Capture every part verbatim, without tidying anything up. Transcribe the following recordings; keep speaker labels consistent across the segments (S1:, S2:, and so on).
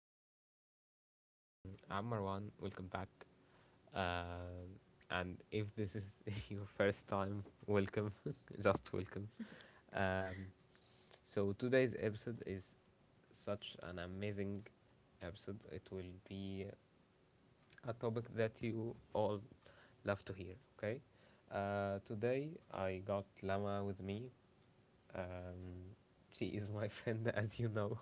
S1: hello guys, um, I'm Marwan, welcome back. Um, and if this is your first time, welcome, just welcome. Um, so, Today's episode is such an amazing episode. It will be a topic that you all love to hear, okay? Uh, today I got Lama with me. Um, she is my friend, as you know.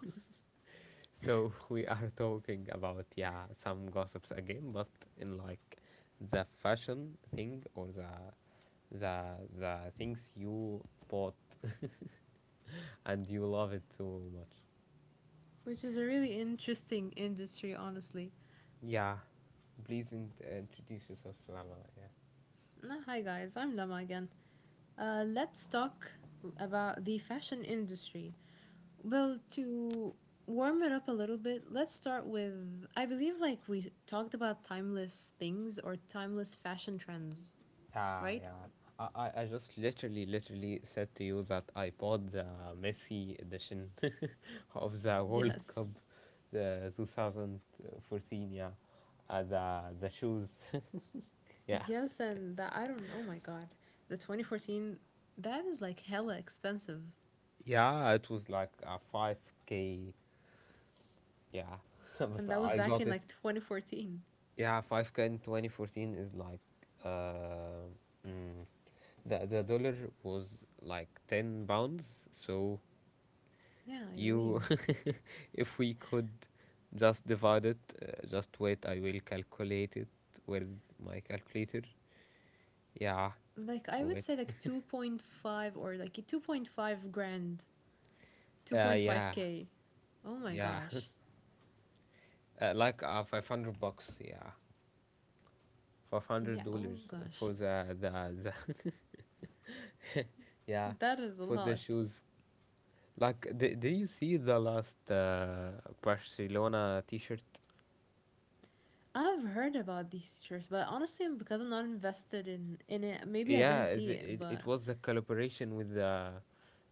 S1: So we are talking about, yeah, some gossips again, but in like the fashion thing or the the the things you bought and you love it so much.
S2: Which is a really interesting industry, honestly.
S1: Yeah, please in- uh, introduce yourself, Salama. Yeah.
S2: Uh, Hi, guys, I'm Lama again. Uh, let's talk about the fashion industry. Well, to warm it up a little bit, let's start with I believe like we talked about timeless things or timeless fashion trends,
S1: Yeah,
S2: right?
S1: yeah. I, I I just literally, literally said to you that I bought the Messi edition of the World
S2: Yes.
S1: Cup, the two thousand fourteen. Yeah, uh, the the shoes. Yeah,
S2: Yes, and that I don't oh my god. The twenty fourteen that is like hella expensive.
S1: yeah. It was like a five k. Yeah,
S2: And
S1: but
S2: that was
S1: I
S2: back
S1: got
S2: in
S1: it.
S2: like twenty fourteen.
S1: Yeah, five k in twenty fourteen is like uh, mm, the the dollar was like ten pounds. So
S2: Yeah, I
S1: you,
S2: believe.
S1: if we could just divide it, uh, just wait, I will calculate it with my calculator. Yeah,
S2: Like I would
S1: wait.
S2: say like two point five or like two point five grand,
S1: Uh, yeah,
S2: two point five k. Oh my
S1: yeah.
S2: gosh.
S1: Uh, like uh, five hundred bucks, yeah. 500
S2: Yeah, oh
S1: dollars
S2: gosh.
S1: for the, the, the yeah,
S2: That is a
S1: for the
S2: lot.
S1: shoes. Like, d- did you see the last uh, Barcelona t-shirt?
S2: I've heard about these shirts, but honestly, because I'm not invested in in it, maybe I
S1: Yeah,
S2: didn't
S1: it,
S2: see it,
S1: it, it
S2: but
S1: was the collaboration with the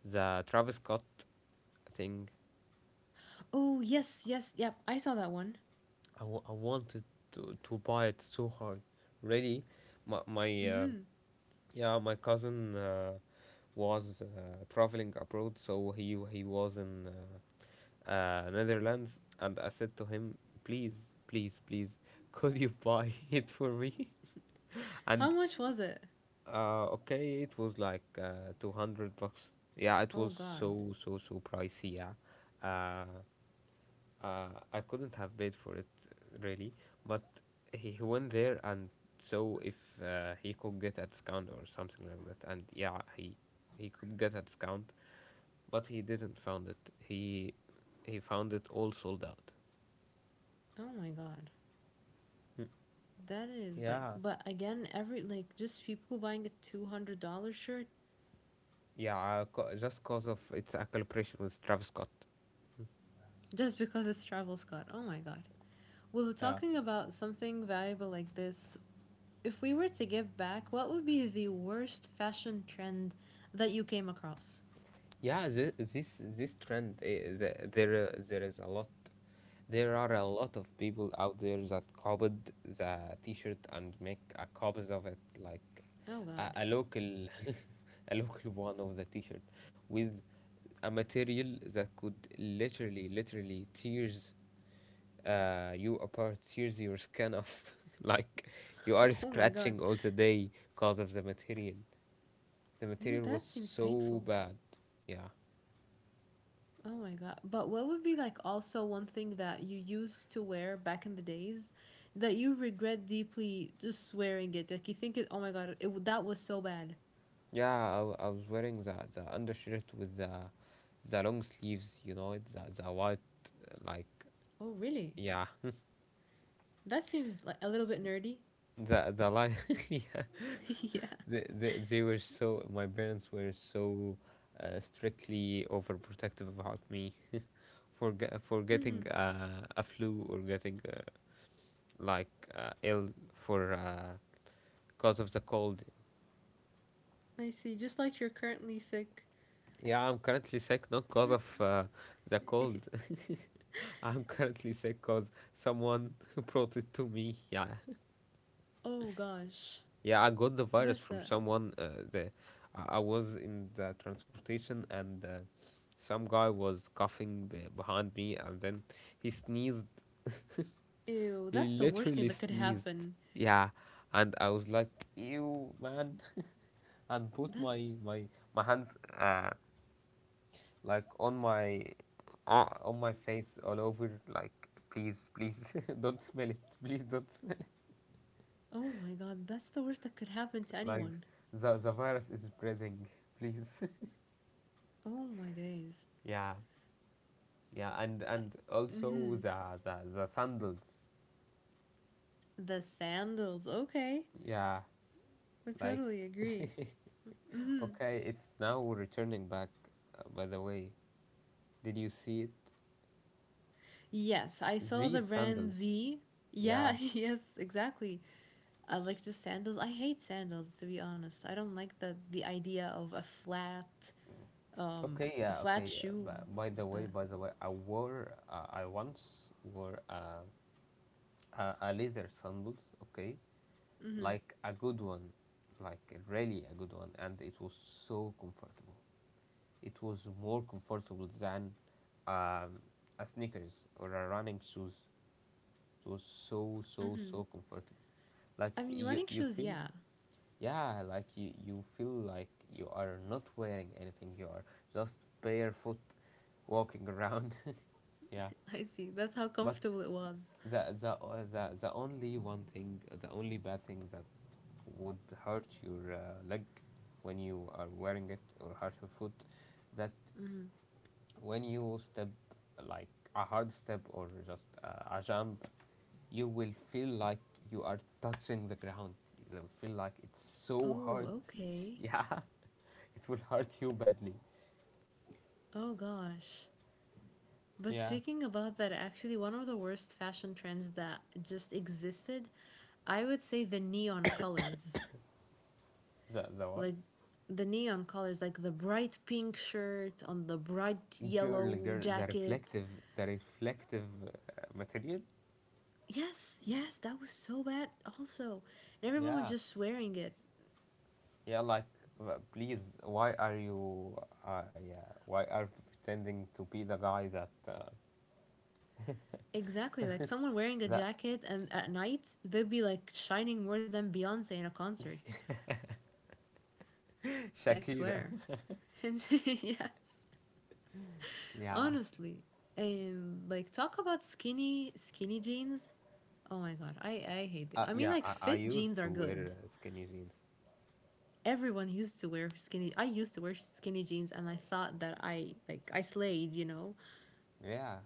S1: the Travis Scott thing.
S2: oh, yes, yes. Yep, I saw that one.
S1: I, w- I wanted to, to buy it so hard. Really, my my uh,
S2: Mhm.
S1: yeah my cousin uh, was uh, traveling abroad, so he he was in uh, uh, Netherlands, and I said to him, please, please, please, could you buy it for me?
S2: How
S1: And
S2: much was it?
S1: uh, okay, it was like uh, two hundred bucks. Yeah, it
S2: Oh
S1: was
S2: god.
S1: so so so pricey. Yeah, uh, uh, I couldn't have paid for it really, but he, he went there and so if uh, he could get a discount or something like that, and yeah, he he could get a discount, but he didn't found it. He he found it all sold out.
S2: Oh my god.
S1: Hmm.
S2: That is like
S1: Yeah,
S2: but again, every like just people buying a two hundred dollars shirt
S1: yeah, uh, co- just cause of it's a collaboration with Travis Scott.
S2: just because it's Travel Scott. Oh my god. Well,
S1: Yeah,
S2: talking about something valuable like this, if we were to give back, what would be the worst fashion trend that you came across?
S1: yeah, this this, this trend, uh, the, there uh, there is a lot. There are a lot of people out there that copied the T-shirt and make a copies of it, like
S2: Oh
S1: a,
S2: god.
S1: a local, a local one of the T-shirt, with a material that could literally, literally tears uh, you apart, tears your skin off, like you are
S2: Oh my god.
S1: scratching all the day because of the material. The
S2: No,
S1: material was
S2: that seems
S1: so
S2: painful.
S1: bad, yeah.
S2: Oh my god. But what would be like also one thing that you used to wear back in the days that you regret deeply just wearing it? Like you think it, oh my god, it that was so bad.
S1: Yeah, I, w- I was wearing the, the undershirt with the the long sleeves, you know, the the white uh, like
S2: Oh, really?
S1: yeah,
S2: That seems like a little bit nerdy.
S1: the the line yeah.
S2: yeah.
S1: They, they they were so my parents were so uh, strictly overprotective about me for ge- for getting
S2: Mhm.
S1: uh, a flu or getting uh, like uh, ill for uh, cause of the cold.
S2: I see. Just like you're currently sick.
S1: Yeah, I'm currently sick not cause of uh, the cold. I'm currently sick because someone brought it to me. Yeah,
S2: Oh gosh.
S1: yeah, I got the virus
S2: That's
S1: from
S2: a
S1: someone. Uh, the I I was in the transportation and uh, some guy was coughing be- behind me, and then he sneezed.
S2: ew.
S1: He
S2: That's the worst thing
S1: literally
S2: that could
S1: sneezed.
S2: happen.
S1: Yeah, and I was like, "Ew, man!" And put
S2: That's
S1: my my my hands uh, like on my uh, on my face all over, like, "Please, please, don't smell it. Please don't smell."
S2: oh my god. That's the worst that could happen to
S1: Like
S2: anyone.
S1: the the virus is spreading, please,
S2: Oh my days.
S1: yeah, yeah, and and also
S2: Mm-hmm.
S1: the the, the sandals,
S2: The sandals. Okay,
S1: yeah,
S2: I
S1: like
S2: totally agree.
S1: okay, it's now returning back. Uh, by the way, did you see it,
S2: Yes, I saw the
S1: these
S2: brand
S1: sandals?
S2: Z. Yeah.
S1: Yeah,
S2: Yes. Exactly. I like just sandals. I hate sandals to be honest. I don't like the the idea of a flat um
S1: okay,
S2: a
S1: yeah,
S2: flat
S1: okay, uh,
S2: shoe.
S1: by, by the way
S2: Uh,
S1: by the way I wore uh, i once wore uh, a, a leather sandals, okay,
S2: mm-hmm.
S1: like a good one, like really a good one, and it was so comfortable. It was more comfortable than um, a sneakers or a running shoes. It was so so so comfortable. Like
S2: I mean
S1: you
S2: running
S1: you
S2: shoes.
S1: feel,
S2: Yeah.
S1: yeah, like you you feel like you are not wearing anything. You are just barefoot walking around. Yeah,
S2: I see. That's how
S1: but
S2: comfortable it was.
S1: the the uh, the the only one thing, the only bad thing that would hurt your uh, leg when you are wearing it, or hurt your foot, that when you step like a hard step or just uh, a jump, you will feel like you are touching the ground. You will feel like it's so
S2: Oh,
S1: hard.
S2: okay.
S1: Yeah, it will hurt you badly.
S2: Oh gosh. But
S1: Yeah,
S2: speaking about that, actually, one of the worst fashion trends that just existed, I would say the neon colors.
S1: the the what?
S2: Like the neon colors, like the bright pink shirt on the bright
S1: Girl,
S2: yellow
S1: girl, the
S2: jacket.
S1: reflective, the reflective uh, material.
S2: Yes, yes, that was so bad, also. And everyone was
S1: Yeah,
S2: just wearing it.
S1: yeah. Like, uh, please, why are you? Uh, yeah, why are you pretending to be the guy that uh,
S2: Exactly, like someone wearing a
S1: that
S2: jacket and at night, they'd be like shining more than Beyonce in a concert. I
S1: Shakira?
S2: swear. yes.
S1: Yeah.
S2: Honestly. And like talk about skinny skinny jeans. Oh my god, I I hate them.
S1: Uh,
S2: I mean
S1: yeah,
S2: like
S1: I, I
S2: fit
S1: used
S2: jeans
S1: to
S2: are good.
S1: wear uh, skinny jeans.
S2: Everyone used to wear skinny I used to wear skinny jeans and I thought that I like I slayed, you know.
S1: Yeah,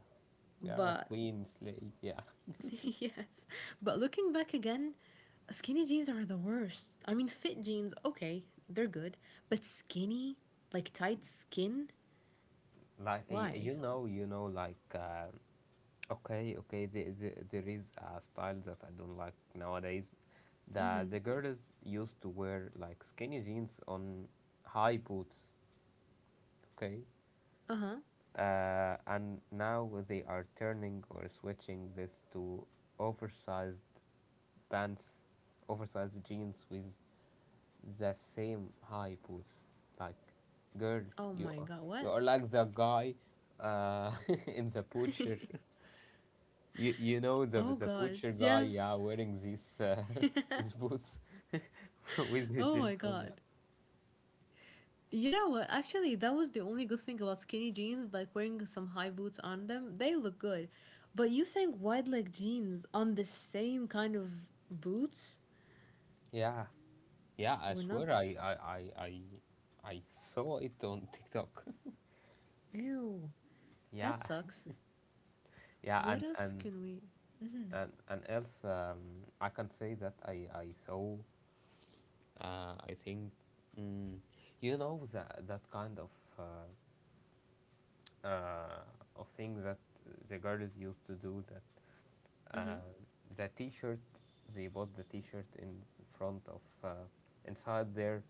S1: yeah,
S2: But
S1: queen slave. Yeah,
S2: yes. But looking back again, skinny jeans are the worst. I mean fit jeans, okay, they're good, but skinny, like tight skin,
S1: like y-
S2: why?
S1: you know, you know, like uh, okay, okay. There, there, there is a style that I don't like nowadays. The the girls used to wear like skinny jeans on high boots. Okay,
S2: Uh-huh.
S1: uh, and now they are turning or switching this to oversized pants, oversized jeans with the same high boots. Like, girl,
S2: Oh
S1: you
S2: my god,
S1: you
S2: what?
S1: are like the guy, uh, in the butcher. You you know the
S2: oh
S1: the
S2: gosh,
S1: butcher guy, yeah,
S2: yes.
S1: wearing these uh, these boots with the
S2: Oh my
S1: jeans on, yeah.
S2: god. You know what? Actually, that was the only good thing about skinny jeans, like wearing some high boots on them. They look good. But you saying wide leg jeans on the same kind of boots?
S1: Yeah, yeah. I
S2: We're not.
S1: swear, I I I I, I saw it on TikTok.
S2: Ew. That
S1: Yeah,
S2: sucks.
S1: yeah,
S2: What
S1: and
S2: else
S1: and
S2: can we.
S1: and and else, um, I can say that I I saw, Uh, I think, mm, you know that that kind of uh, uh, of things that the girls used to do, that
S2: Hmm.
S1: uh, the T-shirt they bought the T-shirt in front of, uh, inside their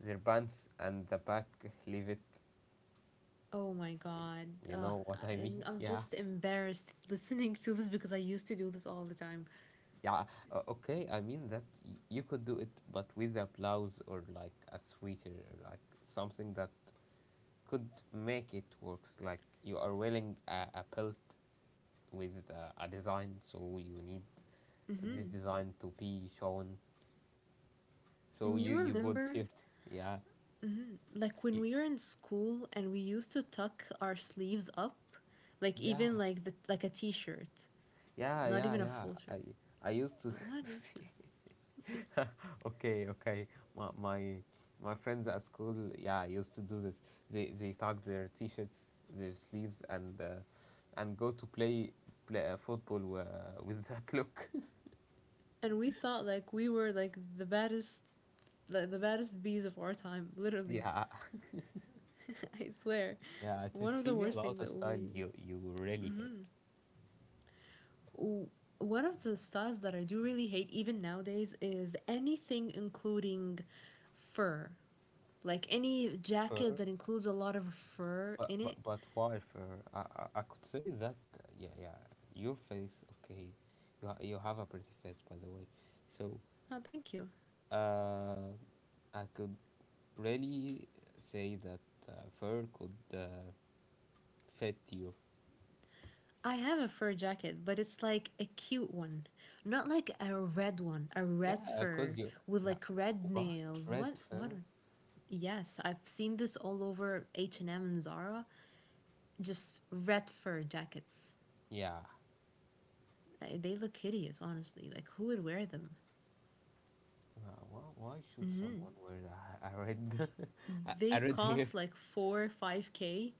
S1: their pants, and the back leave it.
S2: Oh my god.
S1: You
S2: Uh,
S1: know what I
S2: I,
S1: mean?
S2: I'm
S1: Yeah,
S2: just embarrassed listening to this because I used to do this all the time.
S1: yeah. Uh, okay, I mean that y- you could do it, but with a blouse or like a sweater, like something that could make it works, like you are wearing a, a belt with a, a design, so you need this
S2: Hmm.
S1: design to be shown, so you
S2: You
S1: you bought
S2: remember
S1: shirt. Yeah,
S2: like when
S1: you,
S2: we were in school and we used to tuck our sleeves up, like
S1: yeah,
S2: even like the like a t-shirt,
S1: yeah
S2: not
S1: yeah
S2: even a
S1: yeah
S2: full shirt.
S1: i i used to
S2: But what is that?
S1: okay, okay, my, my my friends at school, yeah, used to do this. They they tag their t-shirts, their sleeves, and uh, and go to play play uh, football uh, with that look.
S2: And we thought like we were like the baddest, like the baddest bees of our time. Literally,
S1: Yeah.
S2: I swear,
S1: Yeah, t-
S2: one of
S1: tell
S2: the
S1: me
S2: worst
S1: about
S2: things
S1: the
S2: that
S1: style
S2: we.
S1: you you really hit.
S2: One of the styles that I do really hate even nowadays is anything including fur, like any jacket
S1: Fur,
S2: that includes a lot of fur
S1: but
S2: in it.
S1: but but why fur? I, I I could say that uh, yeah yeah your face, okay, you ha- you have a pretty face, by the way, so
S2: No, thank you.
S1: uh, I could really say that uh, fur could uh, fit you.
S2: I have a fur jacket, but it's like a cute one. Not like a red one, a red
S1: Yeah, cause
S2: fur
S1: you
S2: with
S1: like,
S2: like red
S1: wh- what
S2: nails.
S1: red
S2: What what
S1: fur?
S2: are- yes, I've seen this all over H and M and M and Zara, just red fur jackets.
S1: Yeah.
S2: Uh, They look hideous, honestly. Like who would wear them?
S1: Uh, why, why should someone wear a, a red a
S2: They
S1: a red hair?
S2: cost like four five k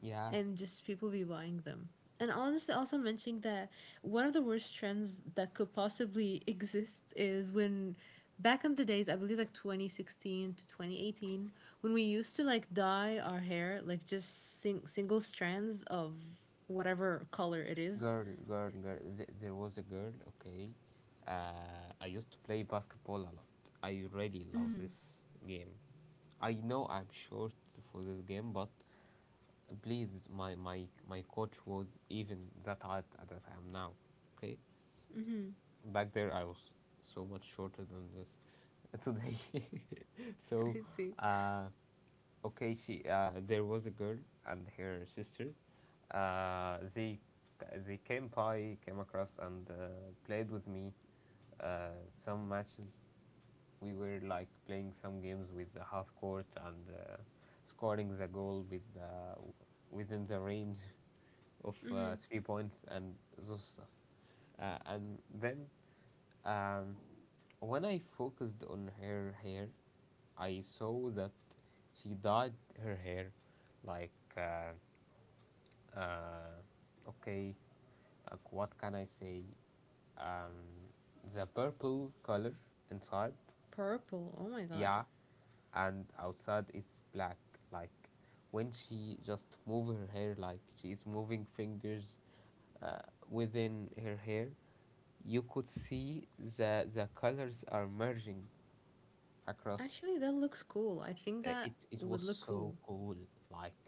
S1: Yeah,
S2: and just people be buying them. And honestly, also mentioning that one of the worst trends that could possibly exist is when back in the days, I believe like twenty sixteen to twenty eighteen, when we used to like dye our hair, like just sing- single strands of whatever color it is.
S1: girl, girl, girl. Th- there was a girl, okay. Uh, I used to play basketball a lot. I really love this game. I know I'm short for this game, but please, my, my, my coach was even that height that I am now, okay? Back there, I was so much shorter than this today.
S2: I
S1: So,
S2: see.
S1: uh, okay, she uh, there was a girl and her sister, uh, they they came by came across and uh, played with me uh, some matches. We were like playing some games with the half court and uh, scoring the goal with the within the range of
S2: Mm-hmm.
S1: uh, three points and those stuff, uh, and then um, when I focused on her hair, I saw that she dyed her hair like, uh, uh, okay, like what can I say? Um, the purple color inside,
S2: Purple. Oh my god.
S1: yeah, and outside is black. Like when she just move her hair, like she is moving fingers uh, within her hair, you could see the the colors are merging across.
S2: Actually, that looks cool. I think
S1: Uh,
S2: that
S1: It it
S2: would
S1: was
S2: look
S1: so
S2: cool.
S1: cool. Like,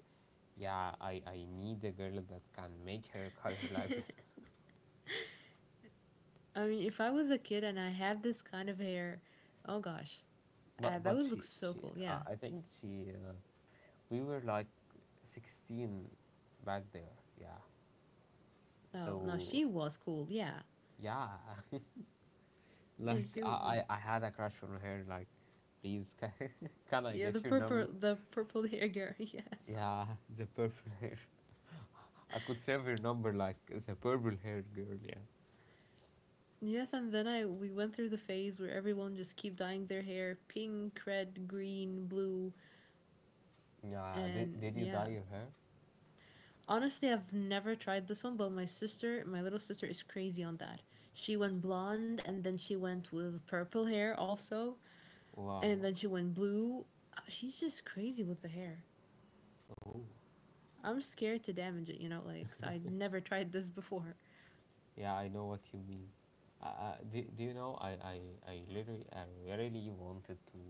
S1: yeah, I I need a girl that can make her color like this.
S2: I mean, if I was a kid and I had this kind of hair, oh gosh, uh,
S1: But
S2: that
S1: but
S2: would look
S1: she
S2: so
S1: she
S2: cool. Yeah.
S1: uh, I think she, uh, we were like sixteen back there. Yeah,
S2: Oh no,
S1: so
S2: she was cool. Yeah.
S1: yeah,
S2: Yeah,
S1: like
S2: she
S1: I,
S2: was.
S1: I I had a crush on her. Like, please, can, can I
S2: Yeah, the
S1: get your
S2: purple,
S1: number?
S2: the purple hair girl. Yes.
S1: Yeah, the purple hair. I could save your number, like the purple hair girl. Yeah.
S2: Yes, and then I we went through the phase where everyone just keep dyeing their hair pink, red, green, blue,
S1: Yeah. Did,
S2: and
S1: did you
S2: yeah.
S1: dye your hair?
S2: Honestly, I've never tried this one, but my sister, my little sister, is crazy on that. She went blonde, and then she went with purple hair also. And
S1: Wow.
S2: then she went blue. Uh, She's just crazy with the hair.
S1: Oh.
S2: I'm scared to damage it, you know, like, so I never tried this before.
S1: Yeah, I know what you mean. Uh, uh, do, do you know, I, I I literally, I really wanted to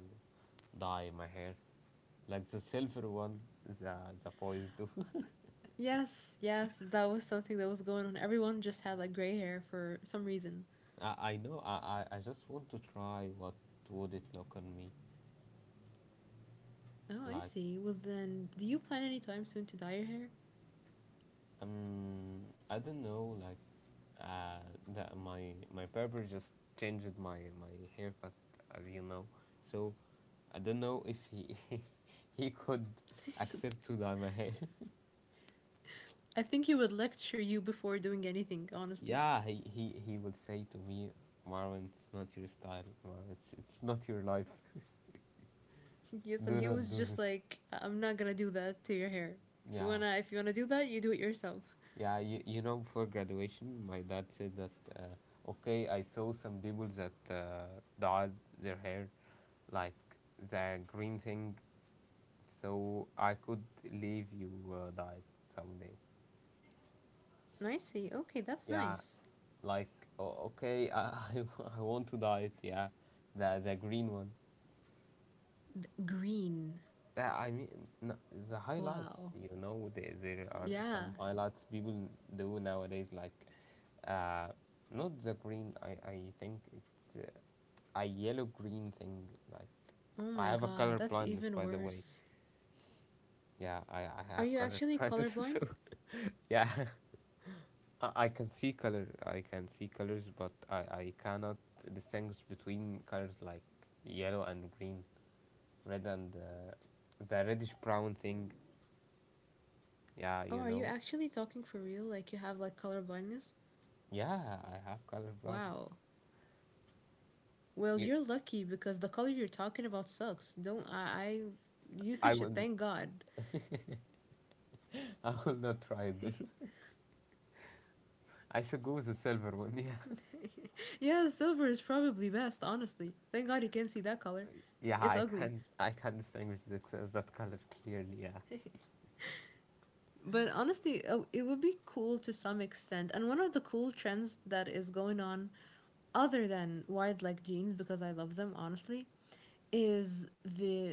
S1: dye my hair like the silver one, the the boys do.
S2: Yes, yes, that was something that was going on. Everyone just had like gray hair for some reason.
S1: I I know, I, I I just want to try what would it look on me,
S2: Oh, I
S1: like,
S2: see. Well, then, do you plan any time soon to dye your hair?
S1: Um, I don't know. Like, uh, that my my barber just changed my my haircut, as you know. So I don't know if he he could accept to dye my hair.
S2: I think he would lecture you before doing anything, honestly.
S1: Yeah, he, he he would say to me, Marwan, it's not your style. Marwan, it's it's not your life.
S2: yes, and
S1: Do
S2: he
S1: not
S2: was
S1: do
S2: just
S1: this.
S2: like, I'm not gonna do that to your hair. If you
S1: Yeah,
S2: wanna, if you wanna do that, you do it yourself.
S1: Yeah, you, you know, before graduation, my dad said that, uh, okay, I saw some people that uh, dyed their hair like the green thing, so I could leave you uh, dye it someday.
S2: And I see. Okay, that's
S1: Yeah,
S2: nice.
S1: like, o okay, I, I wa- I want to dye it, yeah, the, the green one.
S2: Green.
S1: Yeah, I mean, no, the highlights,
S2: Wow.
S1: you know, there, there are
S2: Yeah,
S1: some highlights people do nowadays, like, uh, not the green, I, I think it's uh, a yellow green thing. Like
S2: oh
S1: I
S2: my
S1: have a
S2: god,
S1: color
S2: that's
S1: blindness,
S2: even
S1: by the way.
S2: worse.
S1: Yeah, I, I
S2: Are
S1: have
S2: you
S1: color
S2: actually
S1: blindness.
S2: colorblind?
S1: So yeah, I, I can see color. I can see colors, but I I cannot distinguish between colors like yellow and green, red and uh, the reddish brown thing. Yeah,
S2: Oh,
S1: you
S2: are you
S1: know.
S2: actually talking for real? Like you have like color blindness?
S1: Yeah, I have color blindness.
S2: Wow. Well,
S1: You,
S2: you're lucky because the color you're talking about sucks. Don't I? I you
S1: I
S2: should
S1: will,
S2: thank God.
S1: I will not try it. I should go with the silver one. Yeah.
S2: Yeah, the silver is probably best, honestly. Thank God you can see that color.
S1: Yeah,
S2: It's
S1: I
S2: ugly.
S1: can I can distinguish the, that color clearly. Yeah,
S2: But honestly, uh, it would be cool to some extent. And one of the cool trends that is going on, other than wide leg jeans, because I love them honestly, is the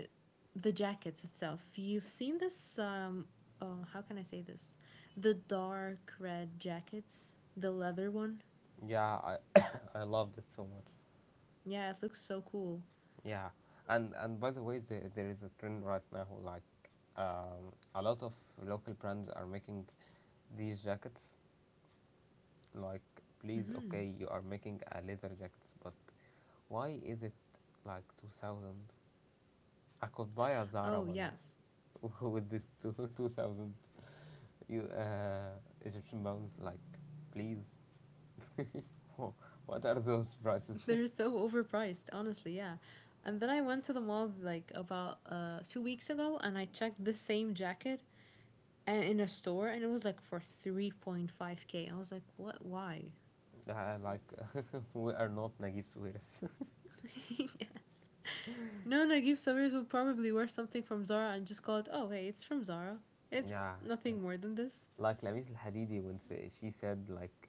S2: the jackets itself. You've seen this. Um, oh, how can I say this? The dark red jackets, the leather one.
S1: yeah, I I loved it so much.
S2: Yeah, it looks so cool.
S1: Yeah, and and by the way, the, there is a trend right now like um, a lot of local brands are making these jackets. Like, please,
S2: Mm-hmm.
S1: okay, you are making a leather jackets, but why is it like two thousand? I could buy a Zara
S2: Oh
S1: one
S2: yes,
S1: with this two two thousand you uh, Egyptian pounds. Like, please. What are those prices?
S2: they're so overpriced, honestly, yeah. And then I went to the mall like about uh two weeks ago and I checked this same jacket in a store and it was like for three point five k. I was like, what? Why?
S1: Yeah, like uh, we are not Najib Suarez.
S2: yeah. No, no, give Sawiris would probably wear something from Zara and just call it, oh, hey, it's from Zara. It's
S1: yeah, yeah.
S2: nothing more than this.
S1: Like Lamis Al Hadidi when say, she said like,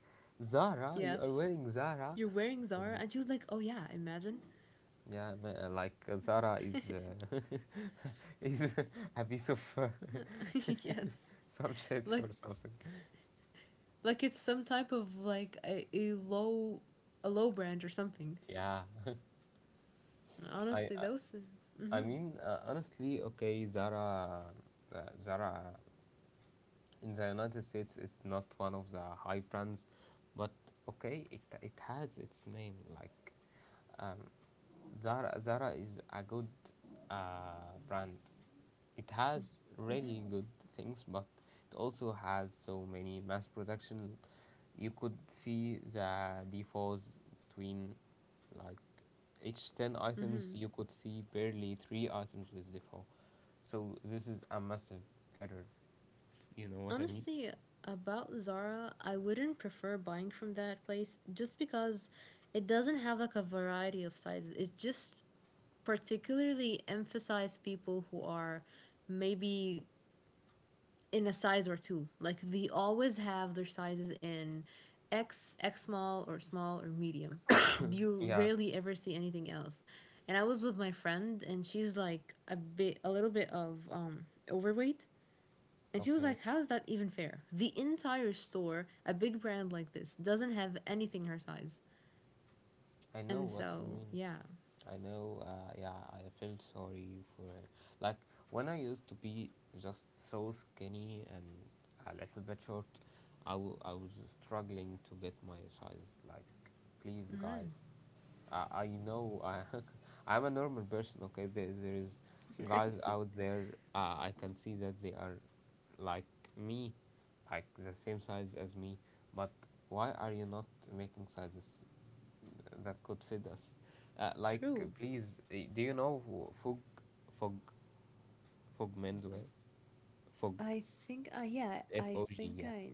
S1: Zara, you are
S2: Yes.
S1: wearing Zara.
S2: You're wearing Zara?
S1: Like
S2: And she was like, oh, yeah, imagine.
S1: yeah, uh, like uh, Zara is uh, is a piece of uh,
S2: yes.
S1: some shit
S2: Like,
S1: or something.
S2: like it's some type of like a, a low a low brand or something
S1: Yeah, I
S2: honestly,
S1: I,
S2: those.
S1: I
S2: Mhm.
S1: mean uh, honestly, okay, Zara, uh, Zara in the United States it's not one of the high brands, but okay, it it has its name. Like um, Zara, Zara is a good uh, brand. It has really
S2: Mhm.
S1: good things, but it also has so many mass production. You could see the defaults between like each ten items
S2: Mhm.
S1: you could see barely three items with default, so this is a massive error, you know what I mean?
S2: Honestly, about Zara, I wouldn't prefer buying from that place just because it doesn't have like a variety of sizes. It just particularly emphasize people who are maybe in a size or two. Like they always have their sizes in X, X small, or small, or medium. You
S1: Yeah.
S2: rarely ever see anything else. And I was with my friend, and she's like a bit, a little bit of um, overweight. And she was
S1: Okay,
S2: like, how is that even fair? The entire store, a big brand like this, doesn't have anything her size.
S1: I know
S2: And
S1: what you
S2: so,
S1: mean.
S2: yeah.
S1: I know, uh, yeah, I felt sorry for her. Like, when I used to be just so skinny and a little bit short, I, w- I was struggling to get my size. Like, please, guys, I, I know I, I'm a normal person, okay? There, there is
S2: I
S1: guys
S2: see.
S1: out there, uh, I can see that they are like me, like the same size as me, but why are you not making sizes that could feed us. Uh, like, uh,
S2: True.
S1: please, uh, do you know who Fog, Fog, Fog Menswear? Fog,
S2: I think, uh, yeah,
S1: F
S2: I
S1: O G,
S2: think
S1: yeah.
S2: I.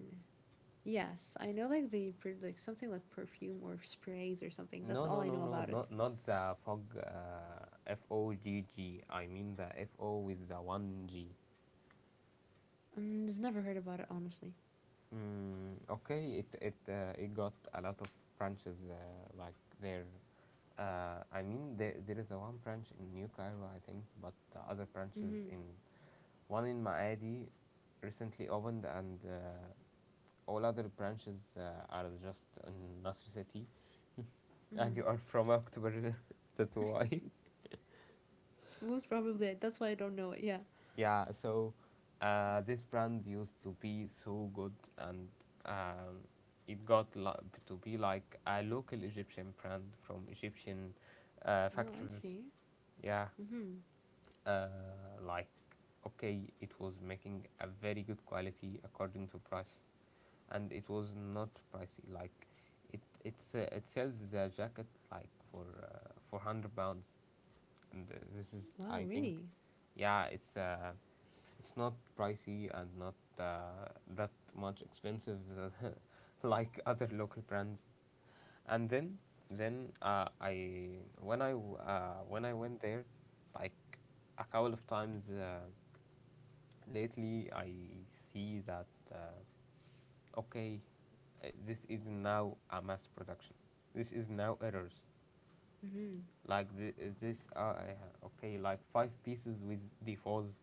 S2: Yes, I know like they per- like something like perfume or sprays or something. That's
S1: No,
S2: all
S1: no,
S2: I
S1: no,
S2: know
S1: no,
S2: about it.
S1: not not the Fog, uh, F O G G. I mean the F O with the one G.
S2: Mm, I've never heard about it honestly.
S1: Mm, okay, it it uh, it got a lot of branches uh, like there. Uh, I mean there there is a one branch in New Cairo, I think, but the other branches
S2: Mhm.
S1: in one in Maadi recently opened and uh, all other branches uh, are just in Nasr City, and
S2: Mhm.
S1: you are from October, that's why.
S2: Most probably it. That's why I don't know it. Yeah.
S1: Yeah, so uh, this brand used to be so good, and um, it got li- to be like a local Egyptian brand from Egyptian uh,
S2: No, I
S1: factories.
S2: see.
S1: Yeah,
S2: Mhm.
S1: uh, like okay, it was making a very good quality according to price. And it was not pricey. Like it it's uh, it sells the jacket like for uh, for hundred pounds, and uh, this is
S2: Wow,
S1: I think,
S2: really.
S1: yeah, it's uh, it's not pricey and not uh, that much expensive that- like other local brands. And then then uh, I when I w- uh, when I went there, like a couple of times uh, lately, I see that. Uh, okay, uh, this is now a mass production. This is now errors.
S2: Mhm.
S1: Like the, uh, this are uh, eh, okay, like five pieces with defaults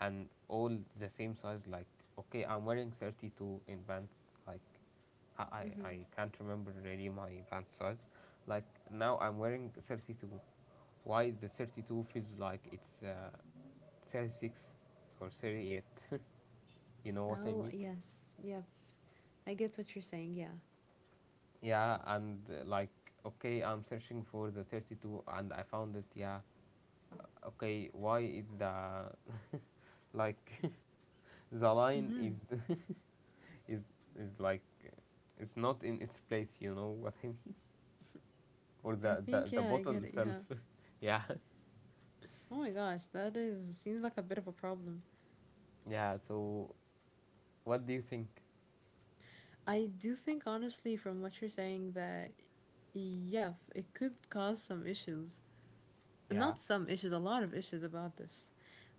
S1: and all the same size. Like okay, I'm wearing thirty-two in pants. Like I, I
S2: Mhm.
S1: I can't remember really my pants size. Like now I'm wearing thirty-two. Why the thirty-two feels like it's uh, thirty-six or thirty-eight? You know what I
S2: Oh,
S1: mean?
S2: yes. Yeah. I get what you're saying. Yeah.
S1: Yeah, and uh, like, okay, I'm searching for the thirty-two and I found it. Yeah, okay, why is the like the line is
S2: Mhm.
S1: is is like uh, it's not in its place, you know what I mean? Or
S2: I
S1: the the,
S2: think
S1: the
S2: yeah, I
S1: button
S2: get it.
S1: itself.
S2: Yeah.
S1: Yeah,
S2: Oh my gosh, that is seems like a bit of a problem.
S1: yeah. So what do you think?
S2: I do think honestly from what you're saying that yeah, it could cause some issues
S1: Yeah,
S2: not some issues, a lot of issues about this.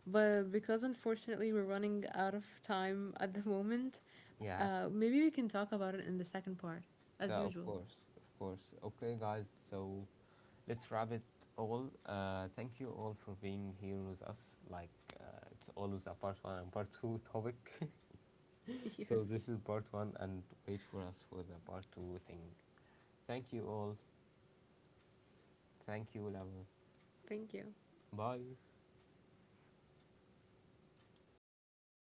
S2: But because unfortunately we're running out of time at the moment,
S1: yeah,
S2: uh, maybe we can talk about it in the second part, as
S1: yeah, of
S2: usual.
S1: course, of course. Okay, guys, so let's wrap it all. Uh, thank you all for being here with us. Like uh, it's always a part one and part two topic. So
S2: yes,
S1: this is part one, and wait for us for the part two thing. Thank you all. Thank you, love.
S2: thank you.
S1: Bye.